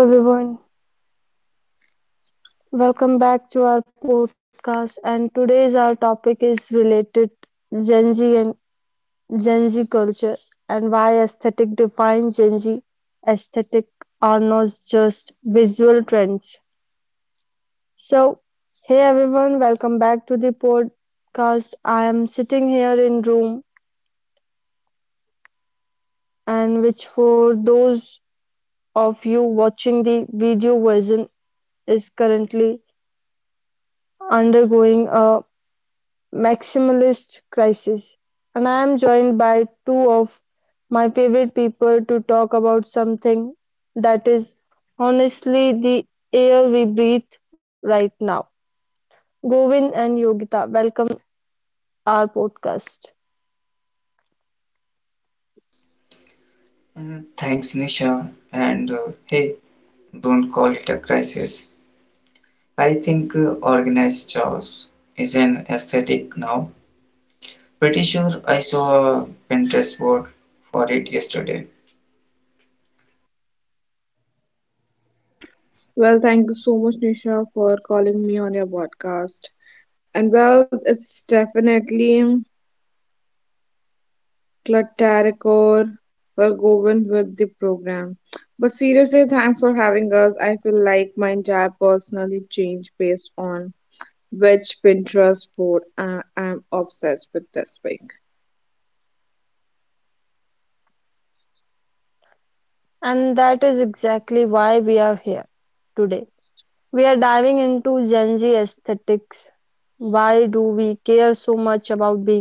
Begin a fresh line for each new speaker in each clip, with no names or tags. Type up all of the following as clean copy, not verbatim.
Hello everyone, welcome back to our podcast. And today's our topic is related Gen Z and Gen Z culture, and why aesthetic defines Gen Z. Aesthetic are not just visual trends. So, hey everyone, welcome back to the podcast. I am sitting here in room and which for those of you watching the video version is currently undergoing a maximalist crisis, and I am joined by two of my favorite people to talk about something that is honestly the air we breathe right now. Govind and Yogita, welcome our podcast.
Thanks, Nisha. And hey, don't call it a crisis. I think organized chaos is an aesthetic now. Pretty sure I saw a Pinterest board for it yesterday.
Well, thank you so much, Nisha, for calling me on your podcast. And well, it's definitely Cluttericor. We're going with the program. But seriously, thanks for having us. I feel like my entire personally changed based on which Pinterest board I'm obsessed with this week.
And that is exactly why we are here today. We are diving into Gen Z aesthetics. Why do we care so much being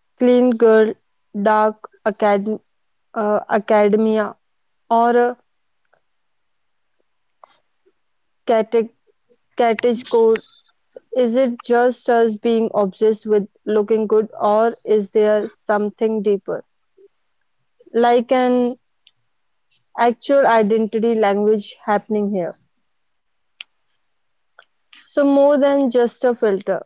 clean girl, dark academia, or a cate- cottage core, is it just us being obsessed with looking good, or is there something deeper, like an actual identity language happening here? So, more than just a filter.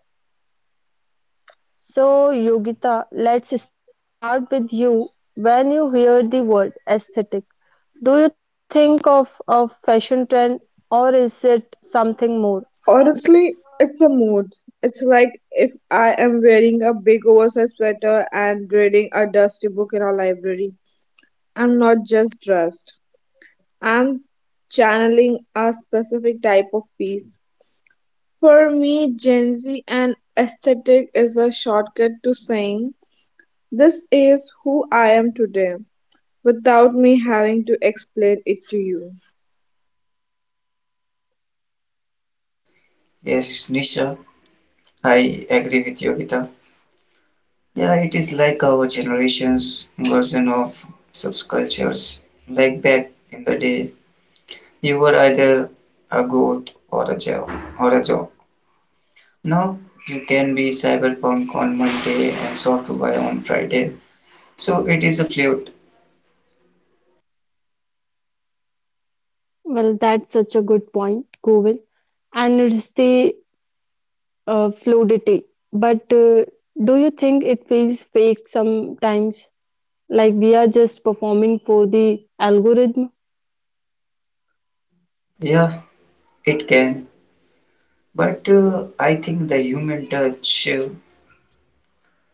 So, Yogita, let's start with you. When you hear the word aesthetic, do you think of a fashion trend or is it something more?
Honestly, it's a mood. It's like if I am wearing a big oversized sweater and reading a dusty book in a library. I'm not just dressed. I'm channeling a specific type of peace. For me, Gen Z and aesthetic is a shortcut to saying, this is who I am today, without me having to explain it to you.
Yes, Nisha, I agree with you, Gita. Yeah, it is like our generation's version of subcultures. Like back in the day, you were either a goat or a job or a job. Now you can be cyberpunk on Monday and software on Friday. So it is a fluid.
Well, that's such a good point, Govin. And it's fluidity. But do you think it feels fake sometimes? Like we are just performing for the algorithm?
Yeah, it can. But I think the human touch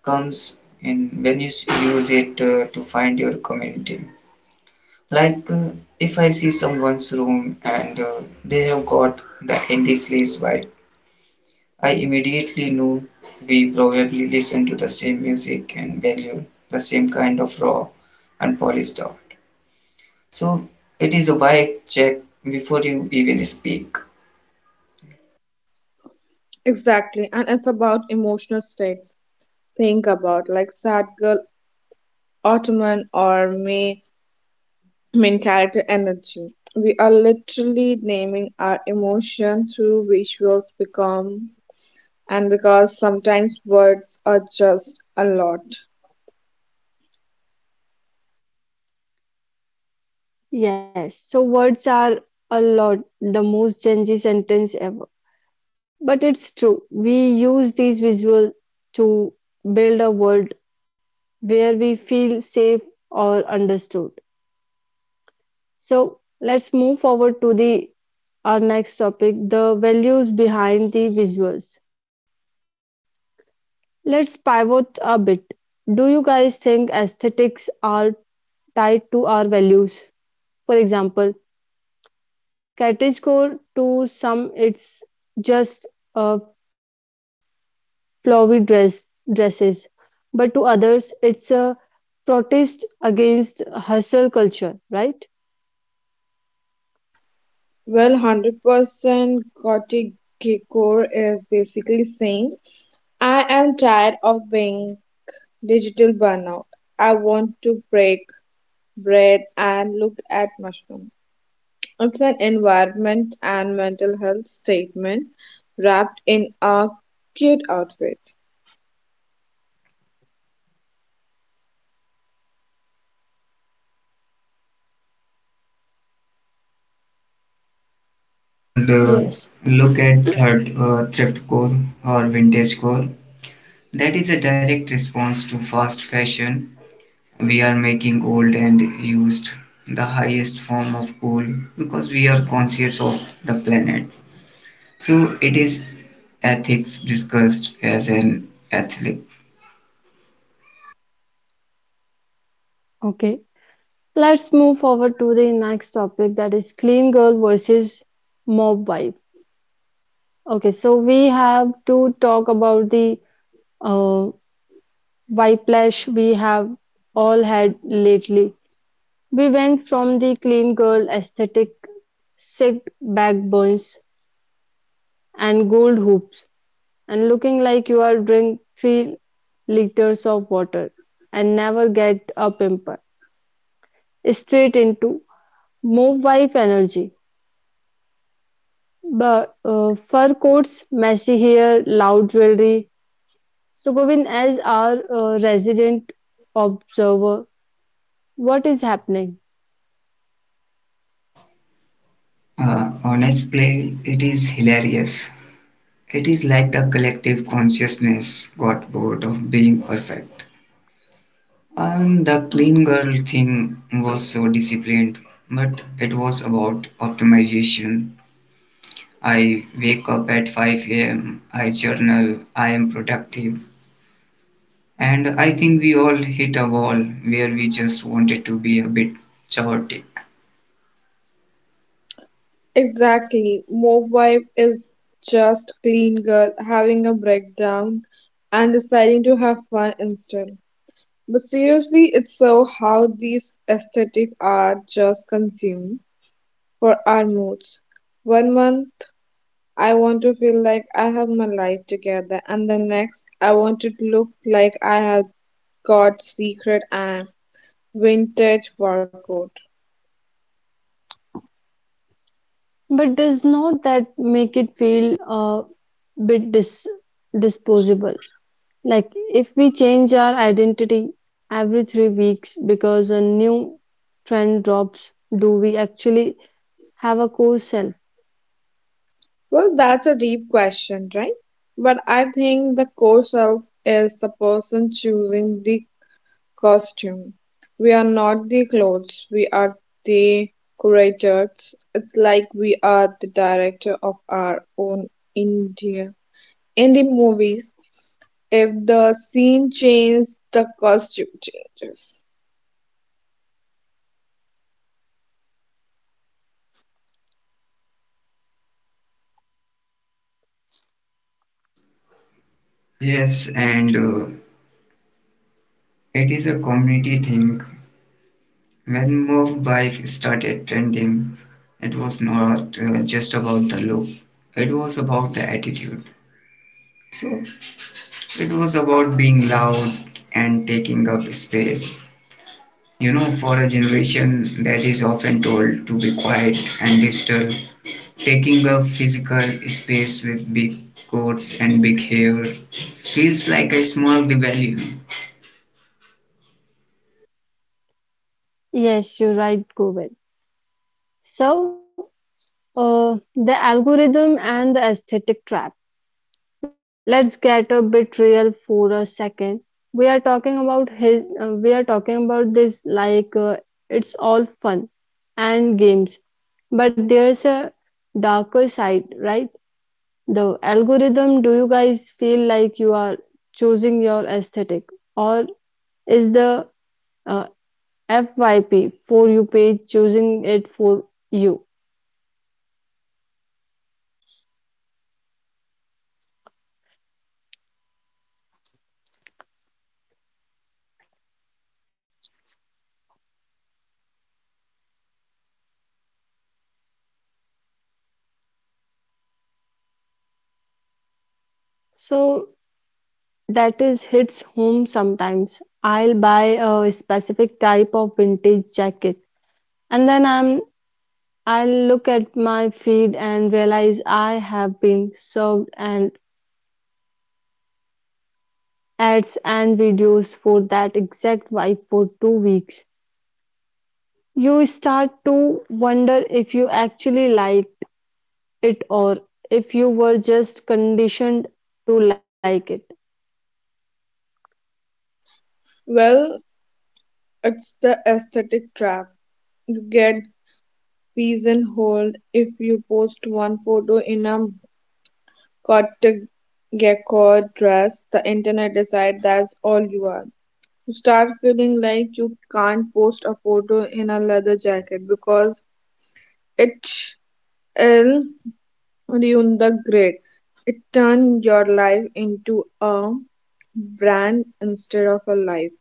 comes in when you use it to find your community. Like if I see someone's room and they have got the indie sleaze vibe, I immediately know we probably listen to the same music and value the same kind of raw and polished art. So it is a vibe check before you even speak.
Exactly, and it's about emotional states. Think about like sad girl, Ottoman, or me, main character energy. We are literally naming our emotion through visuals become and because sometimes words are just a lot.
Yes, so words are a lot the most Gen Z sentence ever. But it's true. We use these visuals to build a world where we feel safe or understood. So let's move forward to the our next topic, the values behind the visuals. Let's pivot a bit. Do you guys think aesthetics are tied to our values? For example, category to some it's just a flowy dress dresses, but to others it's a protest against hustle culture, right?
Well, 100% Gothic Core is basically saying, I am tired of being digital burnout. I want to break bread and look at mushroom. It's an environment and mental health statement wrapped in a cute outfit.
And uh,
Yes.
look at third, uh, thrift core or vintage core. That is a direct response to fast fashion. We are making old and used the highest form of cool because we are conscious of the planet. So it is ethics discussed as an ethic.
Okay, let's move forward to the next topic that is clean girl versus mob wife. Okay, so we have to talk about the uh, whiplash we have all had lately. We went from the clean girl aesthetic, sick backbones, and gold hoops, and looking like you are drink 3 liters of water and never get a pimple, straight into move wife energy. But Fur coats, messy hair, loud jewelry. So, Govind, as our resident observer, what is happening?
Honestly, it is hilarious. It is like the collective consciousness got bored of being perfect. And the clean girl thing was so disciplined, but it was about optimization. I wake up at 5 a.m., I journal, I am productive. And I think we all hit a wall where we just wanted to be a bit chaotic.
Exactly. Movibe is just clean girl having a breakdown and deciding to have fun instead. But seriously, it's so how these aesthetic are just consumed for our moods. One month I want to feel like I have my life together and the next I want to look like I have got secret and vintage workout.
But does not that make it feel a bit disposable? Like if we change our identity every 3 weeks because a new trend drops, do we actually have a core self?
Well, that's a deep question, right? But I think the core self is the person choosing the costume. We are not the clothes, we are the curators. It's like we are the director of our own India. In the movies, if the scene changes, the costume changes.
Yes, and it is a community thing. When move Bike started trending, it was not just about the look, it was about the attitude. So it was about being loud and taking up space. You know, for a generation that is often told to be quiet and digital, taking up physical space with big coats and big hair feels like a small rebellion.
Yes, you're right, Govind. So, the algorithm and the aesthetic trap. Let's get a bit real for a second. We are talking about this like it's all fun and games. But there's a darker side, right? The algorithm, do you guys feel like you are choosing your aesthetic, or is the uh, FYP, for you page, choosing it for you? So that is hits home sometimes. I'll buy a specific type of vintage jacket, and then I'm I'll look at my feed and realize I have been served an ads and videos for that exact vibe for 2 weeks. You start to wonder if you actually like it or if you were just conditioned to like it.
Well, it's the aesthetic trap. You get pigeonholed if you post one photo in a Kotagekor dress, the internet decide that's all you are. You start feeling like you can't post a photo in a leather jacket because it'll ruin the grade. It turned your life into a brand instead of a life.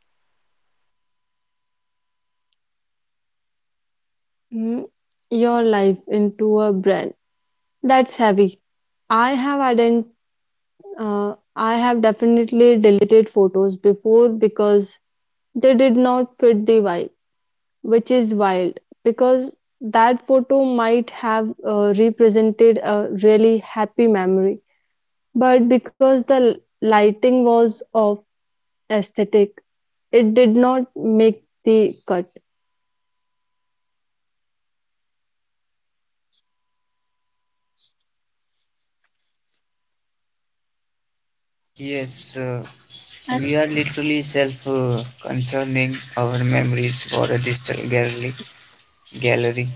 Hmm, Your life into a brand. That's heavy. I have ident- I have definitely deleted photos before because they did not fit the vibe, which is wild because that photo might have represented a really happy memory, but because the lighting was off aesthetic, it did not make the cut.
Yes, uh,
Uh,
We are literally self concerning our memories for this gallery.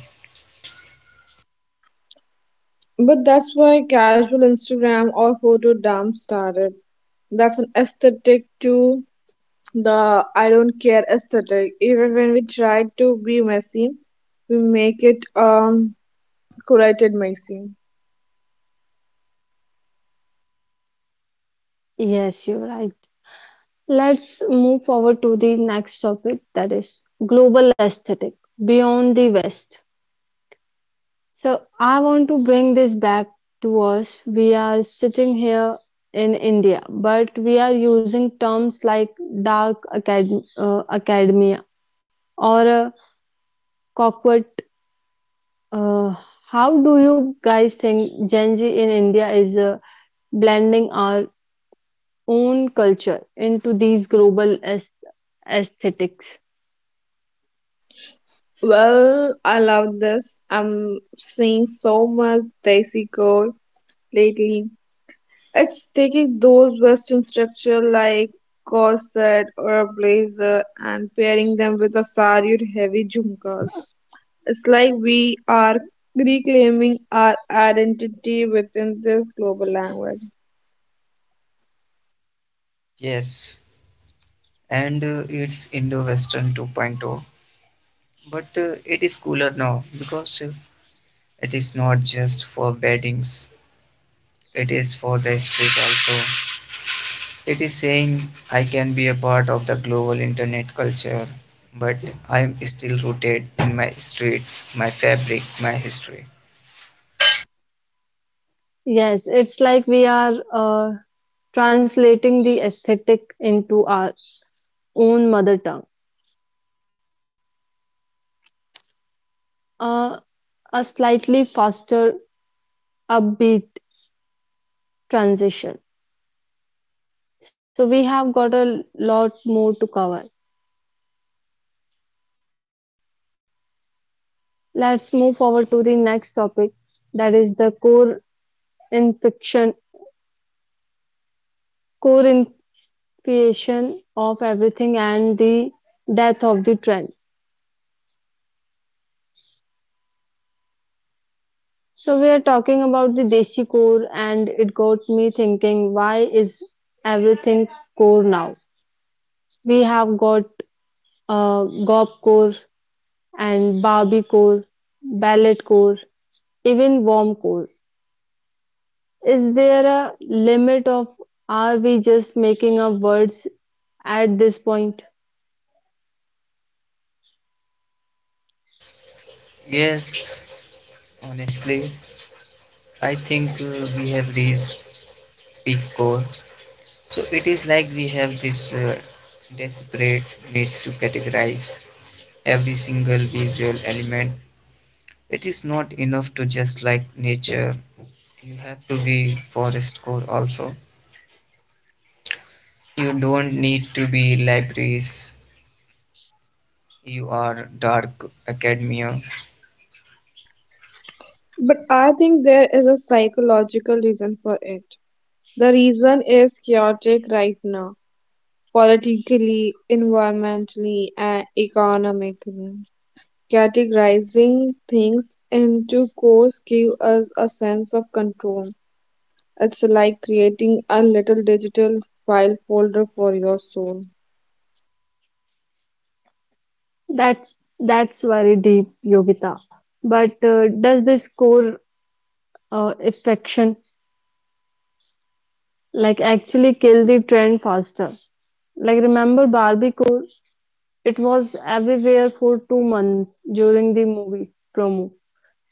But that's why casual Instagram or photo dump started. That's an aesthetic too. The I don't care aesthetic. Even when we try to be messy, we make it curated messy.
Yes, you're right. Let's move forward to the next topic that is global aesthetic beyond the West. So I want to bring this back to us. We are sitting here in India, but we are using terms like dark academia or cockpit. Uh, how do you guys think Gen Z in India is blending our own culture into these global aesthetics?
Well, I love this. I'm seeing so much Desi code lately. It's taking those Western structure like corset or a blazer and pairing them with a sari or heavy jhumkas. It's like we are reclaiming our identity within this global language.
Yes, and it's Indo Western 2.0, but it is cooler now because it is not just for beddings, it is for the street also. It is saying I can be a part of the global internet culture, but I am still rooted in my streets, my fabric, my history.
Yes, it's like we are translating the aesthetic into our own mother tongue. Uh, a slightly faster upbeat transition. So we have got a lot more to cover. Let's move forward to the next topic that is the infection core infection of everything and the death of the trend. So we are talking about the desi core and it got me thinking why is everything core now? We have got uh, gop core and barbie core, ballet core, even warm core. Is there a limit of are we just making up words at this point?
Yes, honestly, I think we have reached peak core. So it is like we have this desperate needs to categorize every single visual element. It is not enough to just like nature. You have to be forest core also. You don't need to be libraries. You are dark academia.
But I think there is a psychological reason for it. The reason is chaotic right now, politically, environmentally, and economically. Categorizing things into cores give us a sense of control. It's like creating a little digital file folder for your soul.
That that's very deep, Yogita. But does this core affection like actually kill the trend faster? Like remember Barbie core? It was everywhere for 2 months during the movie promo,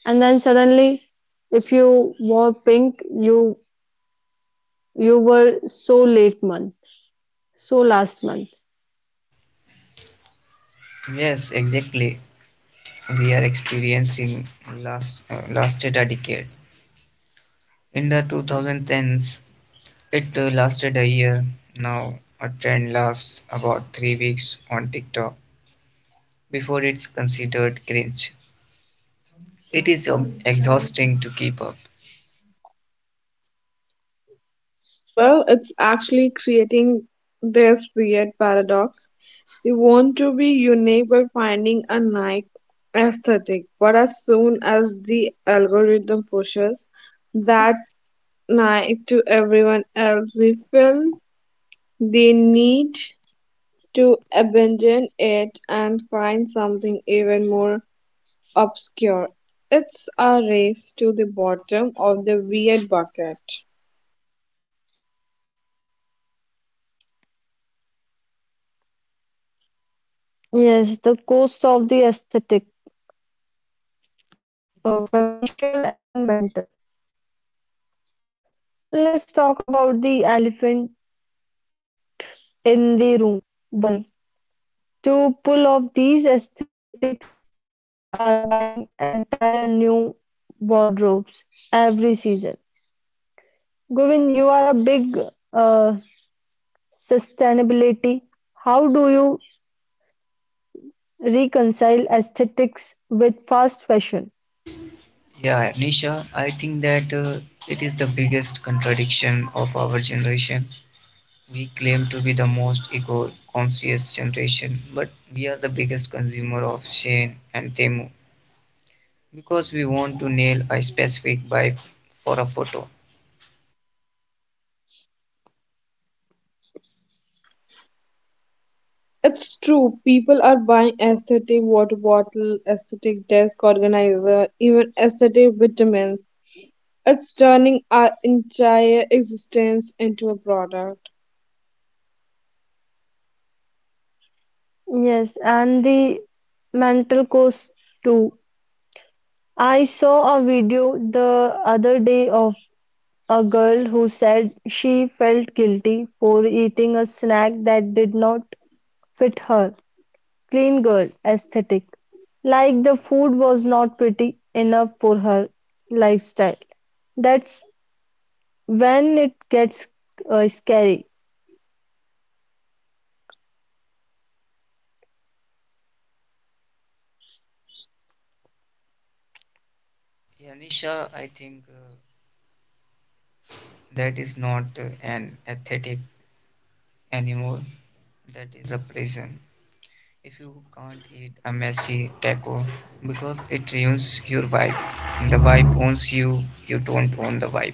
and then suddenly, if you wore pink, you were so late month, so last month.
Yes, exactly. We are experiencing last a decade. In the 2010s, it lasted a year. Now, a trend lasts about 3 weeks on TikTok before it's considered cringe. It is exhausting to keep up.
Well, it's actually creating this weird paradox. You want to be unique by finding a niche aesthetic, but as soon as the algorithm pushes that niche to everyone else, we feel the need to abandon it and find something even more obscure. It's a race to the bottom of the weird bucket.
Yes, the cost of the aesthetic, financial and mental. Let's talk about the elephant in the room, the money. To pull off these aesthetics, people are buying entire new wardrobes every season. Govind, you are a big uh, sustainability. How do you reconcile aesthetics with fast fashion?
Yeah, Nisha, I think that it is the biggest contradiction of our generation. We claim to be the most eco conscious generation, but we are the biggest consumer of Shane and Temu because we want to nail a specific buy for a photo.
It's true. People are buying aesthetic water bottle, aesthetic desk organizer, even aesthetic vitamins. It's turning our entire existence into a product.
Yes, and the mental cost too. I saw a video the other day of a girl who said she felt guilty for eating a snack that did not fit her clean girl aesthetic. Like the food was not pretty enough for her lifestyle. That's when it gets scary.
Yeah, Nisha, I think that is not an aesthetic anymore, that is a prison. If you can't eat a messy taco because it ruins your vibe, the vibe owns you, you don't own the vibe.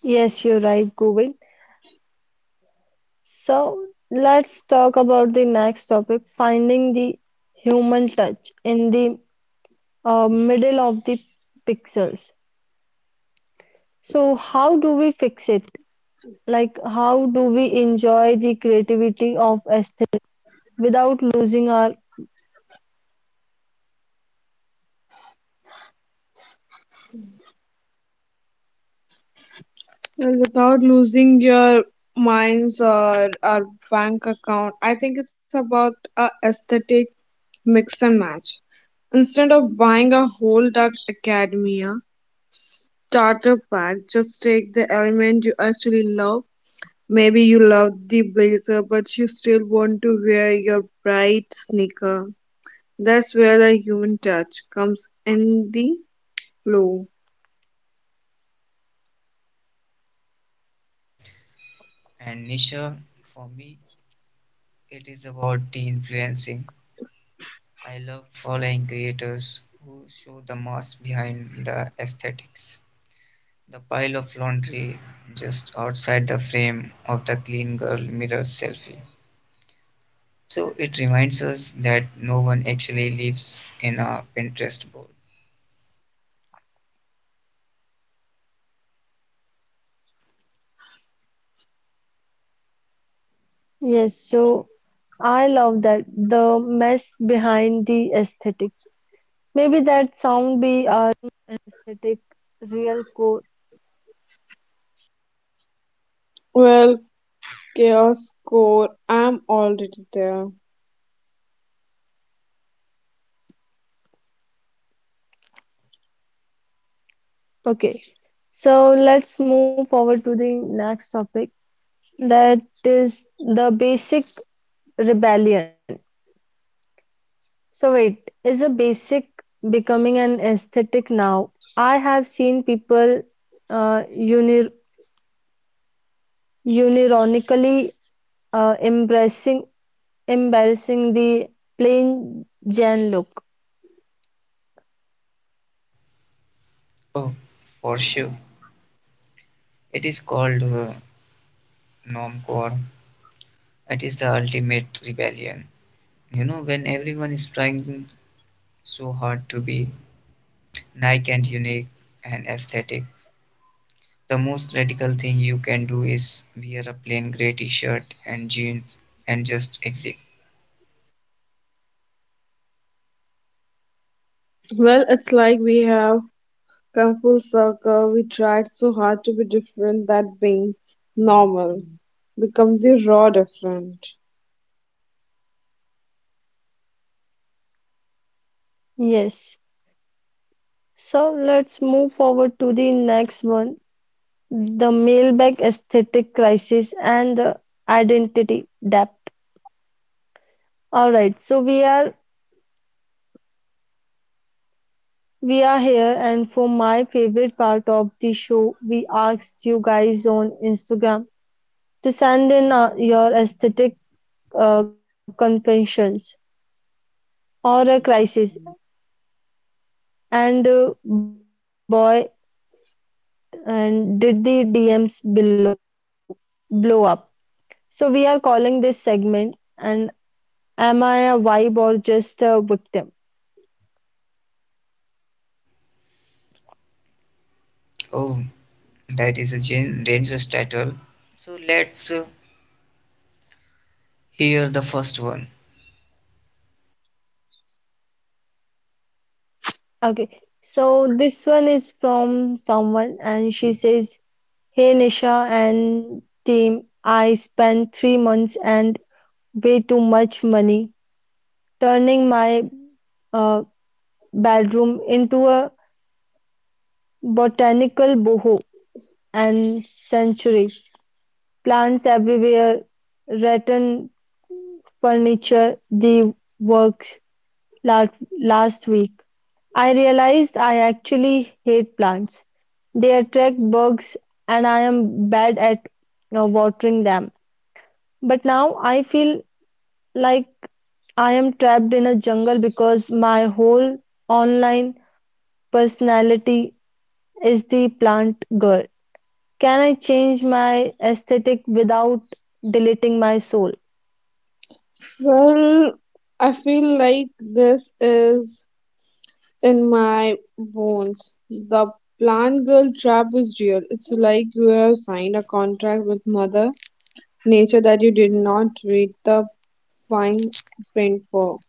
Yes, you're right, Govind. So let's talk about the next topic, finding the human touch in the middle of the pixels. So how do we fix it? Like how do we enjoy the creativity of
Well, without losing your minds or our bank account, I think it's about a aesthetic mix and match. Instead of buying a whole dark academia starter pack, just take the element you actually love. Maybe you love the blazer, but you still want to wear your bright sneaker. That's where the human touch comes in the flow.
And Nisha, for me, it is about the influencing. I love following creators who show the mass behind the aesthetics. The pile of laundry just outside the frame of the clean girl mirror selfie. So it reminds us that no one actually lives in a Pinterest board.
Yes, so I love that the mess behind the aesthetic. Maybe that sound be
Well, chaos core, I'm already there.
Okay, so let's move forward to the next topic that is the basic rebellion. So, wait, is a basic becoming an aesthetic now? I have seen people uh, unir unironically embracing embarrassing the plain Jane look.
Oh, for sure. It is called normcore. It is the ultimate rebellion. You know, when everyone is trying so hard to be nice and unique and aesthetic, the most radical thing you can do is wear a plain gray t-shirt and jeans and just exit.
Well, it's like we have come full circle. We tried so hard to be different that being normal becomes the raw different.
Yes, so let's move forward to the next one, the mailbag aesthetic crisis and the identity depth. All right, so we are here, and for my favorite part of the show, we asked you guys on Instagram to send in your aesthetic confessions or a crisis, and boy, and did the DMs below blow up? So we are calling this segment, and am I a vibe or just a victim?
Oh, that is a dangerous title. So let's hear the first one.
Okay, so this one is from someone, and she says, "Hey Nisha and team, I spent 3 months way too much money turning my uh, bedroom into a botanical boho and sanctuary. Plants everywhere, rattan furniture, the works last, last week. I realized I actually hate plants. They attract bugs, and I am bad at watering them. But now I feel like I am trapped in a jungle because my whole online personality is the plant girl. Can I change my aesthetic without deleting my soul?"
Well, I feel like this is in my bones. The plant girl trap is real. It's like you have signed a contract with Mother Nature that you did not read the fine print for.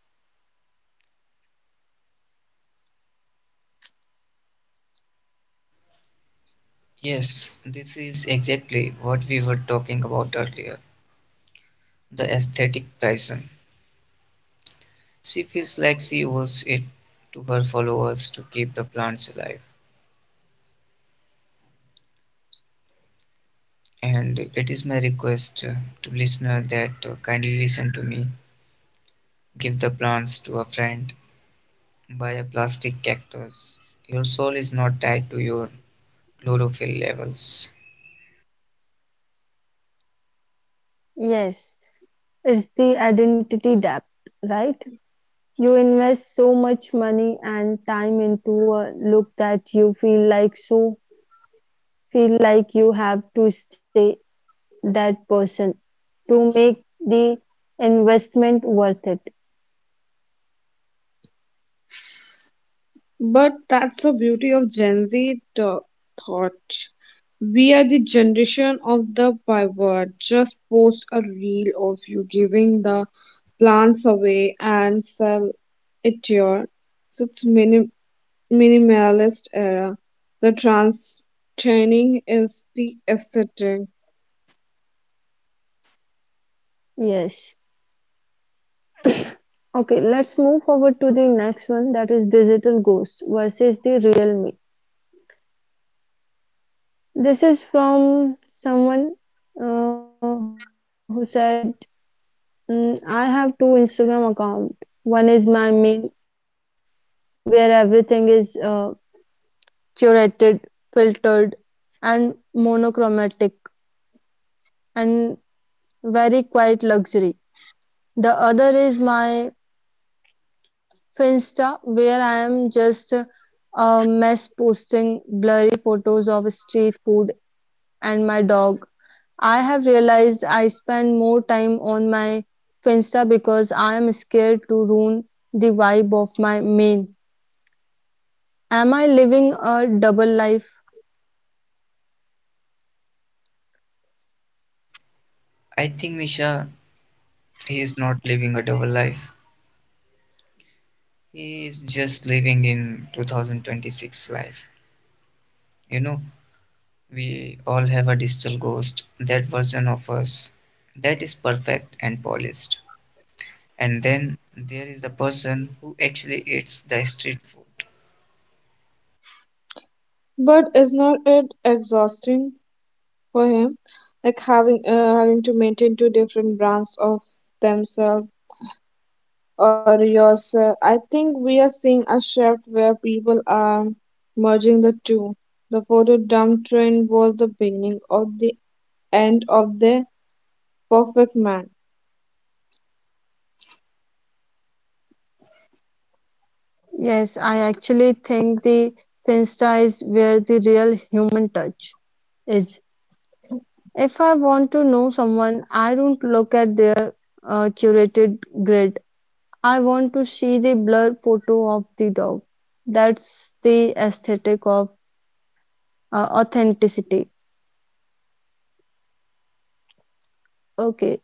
Yes, this is exactly what we were talking about earlier, the aesthetic Bryson. She feels like she owes it to her followers to keep the plants alive. And it is my request to listener that kindly listen to me. Give the plants to a friend. Buy a plastic cactus. Your soul is not tied to your chlorophyll levels.
Yes, it's the identity debt, right? You invest so much money and time into a look that you feel like so feel like you have to stay that person to make the investment worth it.
But that's the beauty of Gen Z thought. We are the generation of the pivot. Just post a reel of you giving the plants away and sell it here. So it's minimalist era. The transitioning is the aesthetic,
Yes. Okay, let's move forward to the next one, that is digital ghost versus the real me. This is from someone who said, I have two Instagram account. One is my main where everything is curated, filtered, and monochromatic and very quiet luxury. The other is my Finsta, where I am just a mess posting blurry photos of street and my dog. I have realized I spend more time on my Finsta because I am scared to ruin the vibe of my main. Am I living a double life?"
I think Nisha he is not living a double life. He is just living in 2026 life. You know, we all have a digital ghost, that version of us that is perfect and polished. And then there is the person who actually eats the street food.
but is not it exhausting for him? Like having having to maintain two different brands of themselves or yourself. I think we are seeing a shift where people are merging the two. The photo dump trend was the beginning of the end of the perfect man.
Yes, I actually think the Finsta is where the real human touch is. If want to know someone, I don't look at their curated grid. I want to see the blurred photo of the dog. That's the aesthetic of authenticity. Okay,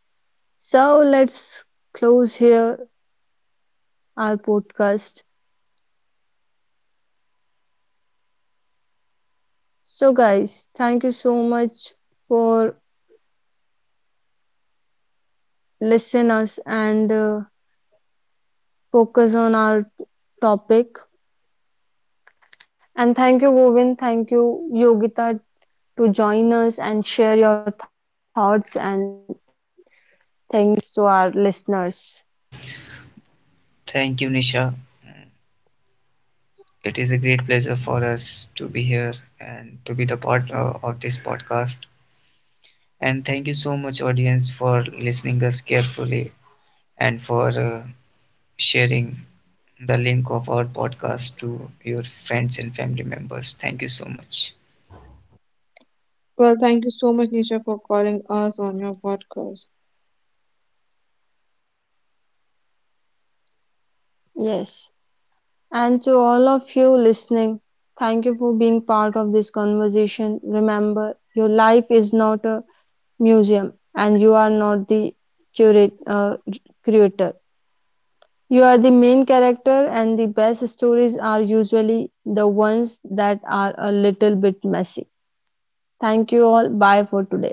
so let's close here our podcast. So, guys, thank you so much for listening us and focus on our topic. And thank you, Govind. Thank you, Yogita, to join us and share your thoughts, and thanks to our listeners.
Thank you, Nisha. Mm, it is a great pleasure for us to be here and to be the part of this podcast. And thank you so much, audience, for listening us carefully and for sharing the link of our podcast to your friends and family members. Thank you so much.
Well, thank you so much, Nisha, for calling us on your podcast.
Yes. And to all of you listening, thank you for being part of this conversation. Remember, your life is not a museum and you are not the curate, uh, curator. You are the main character, and the best stories are usually the ones that are a little bit messy. Thank you all. Bye for today.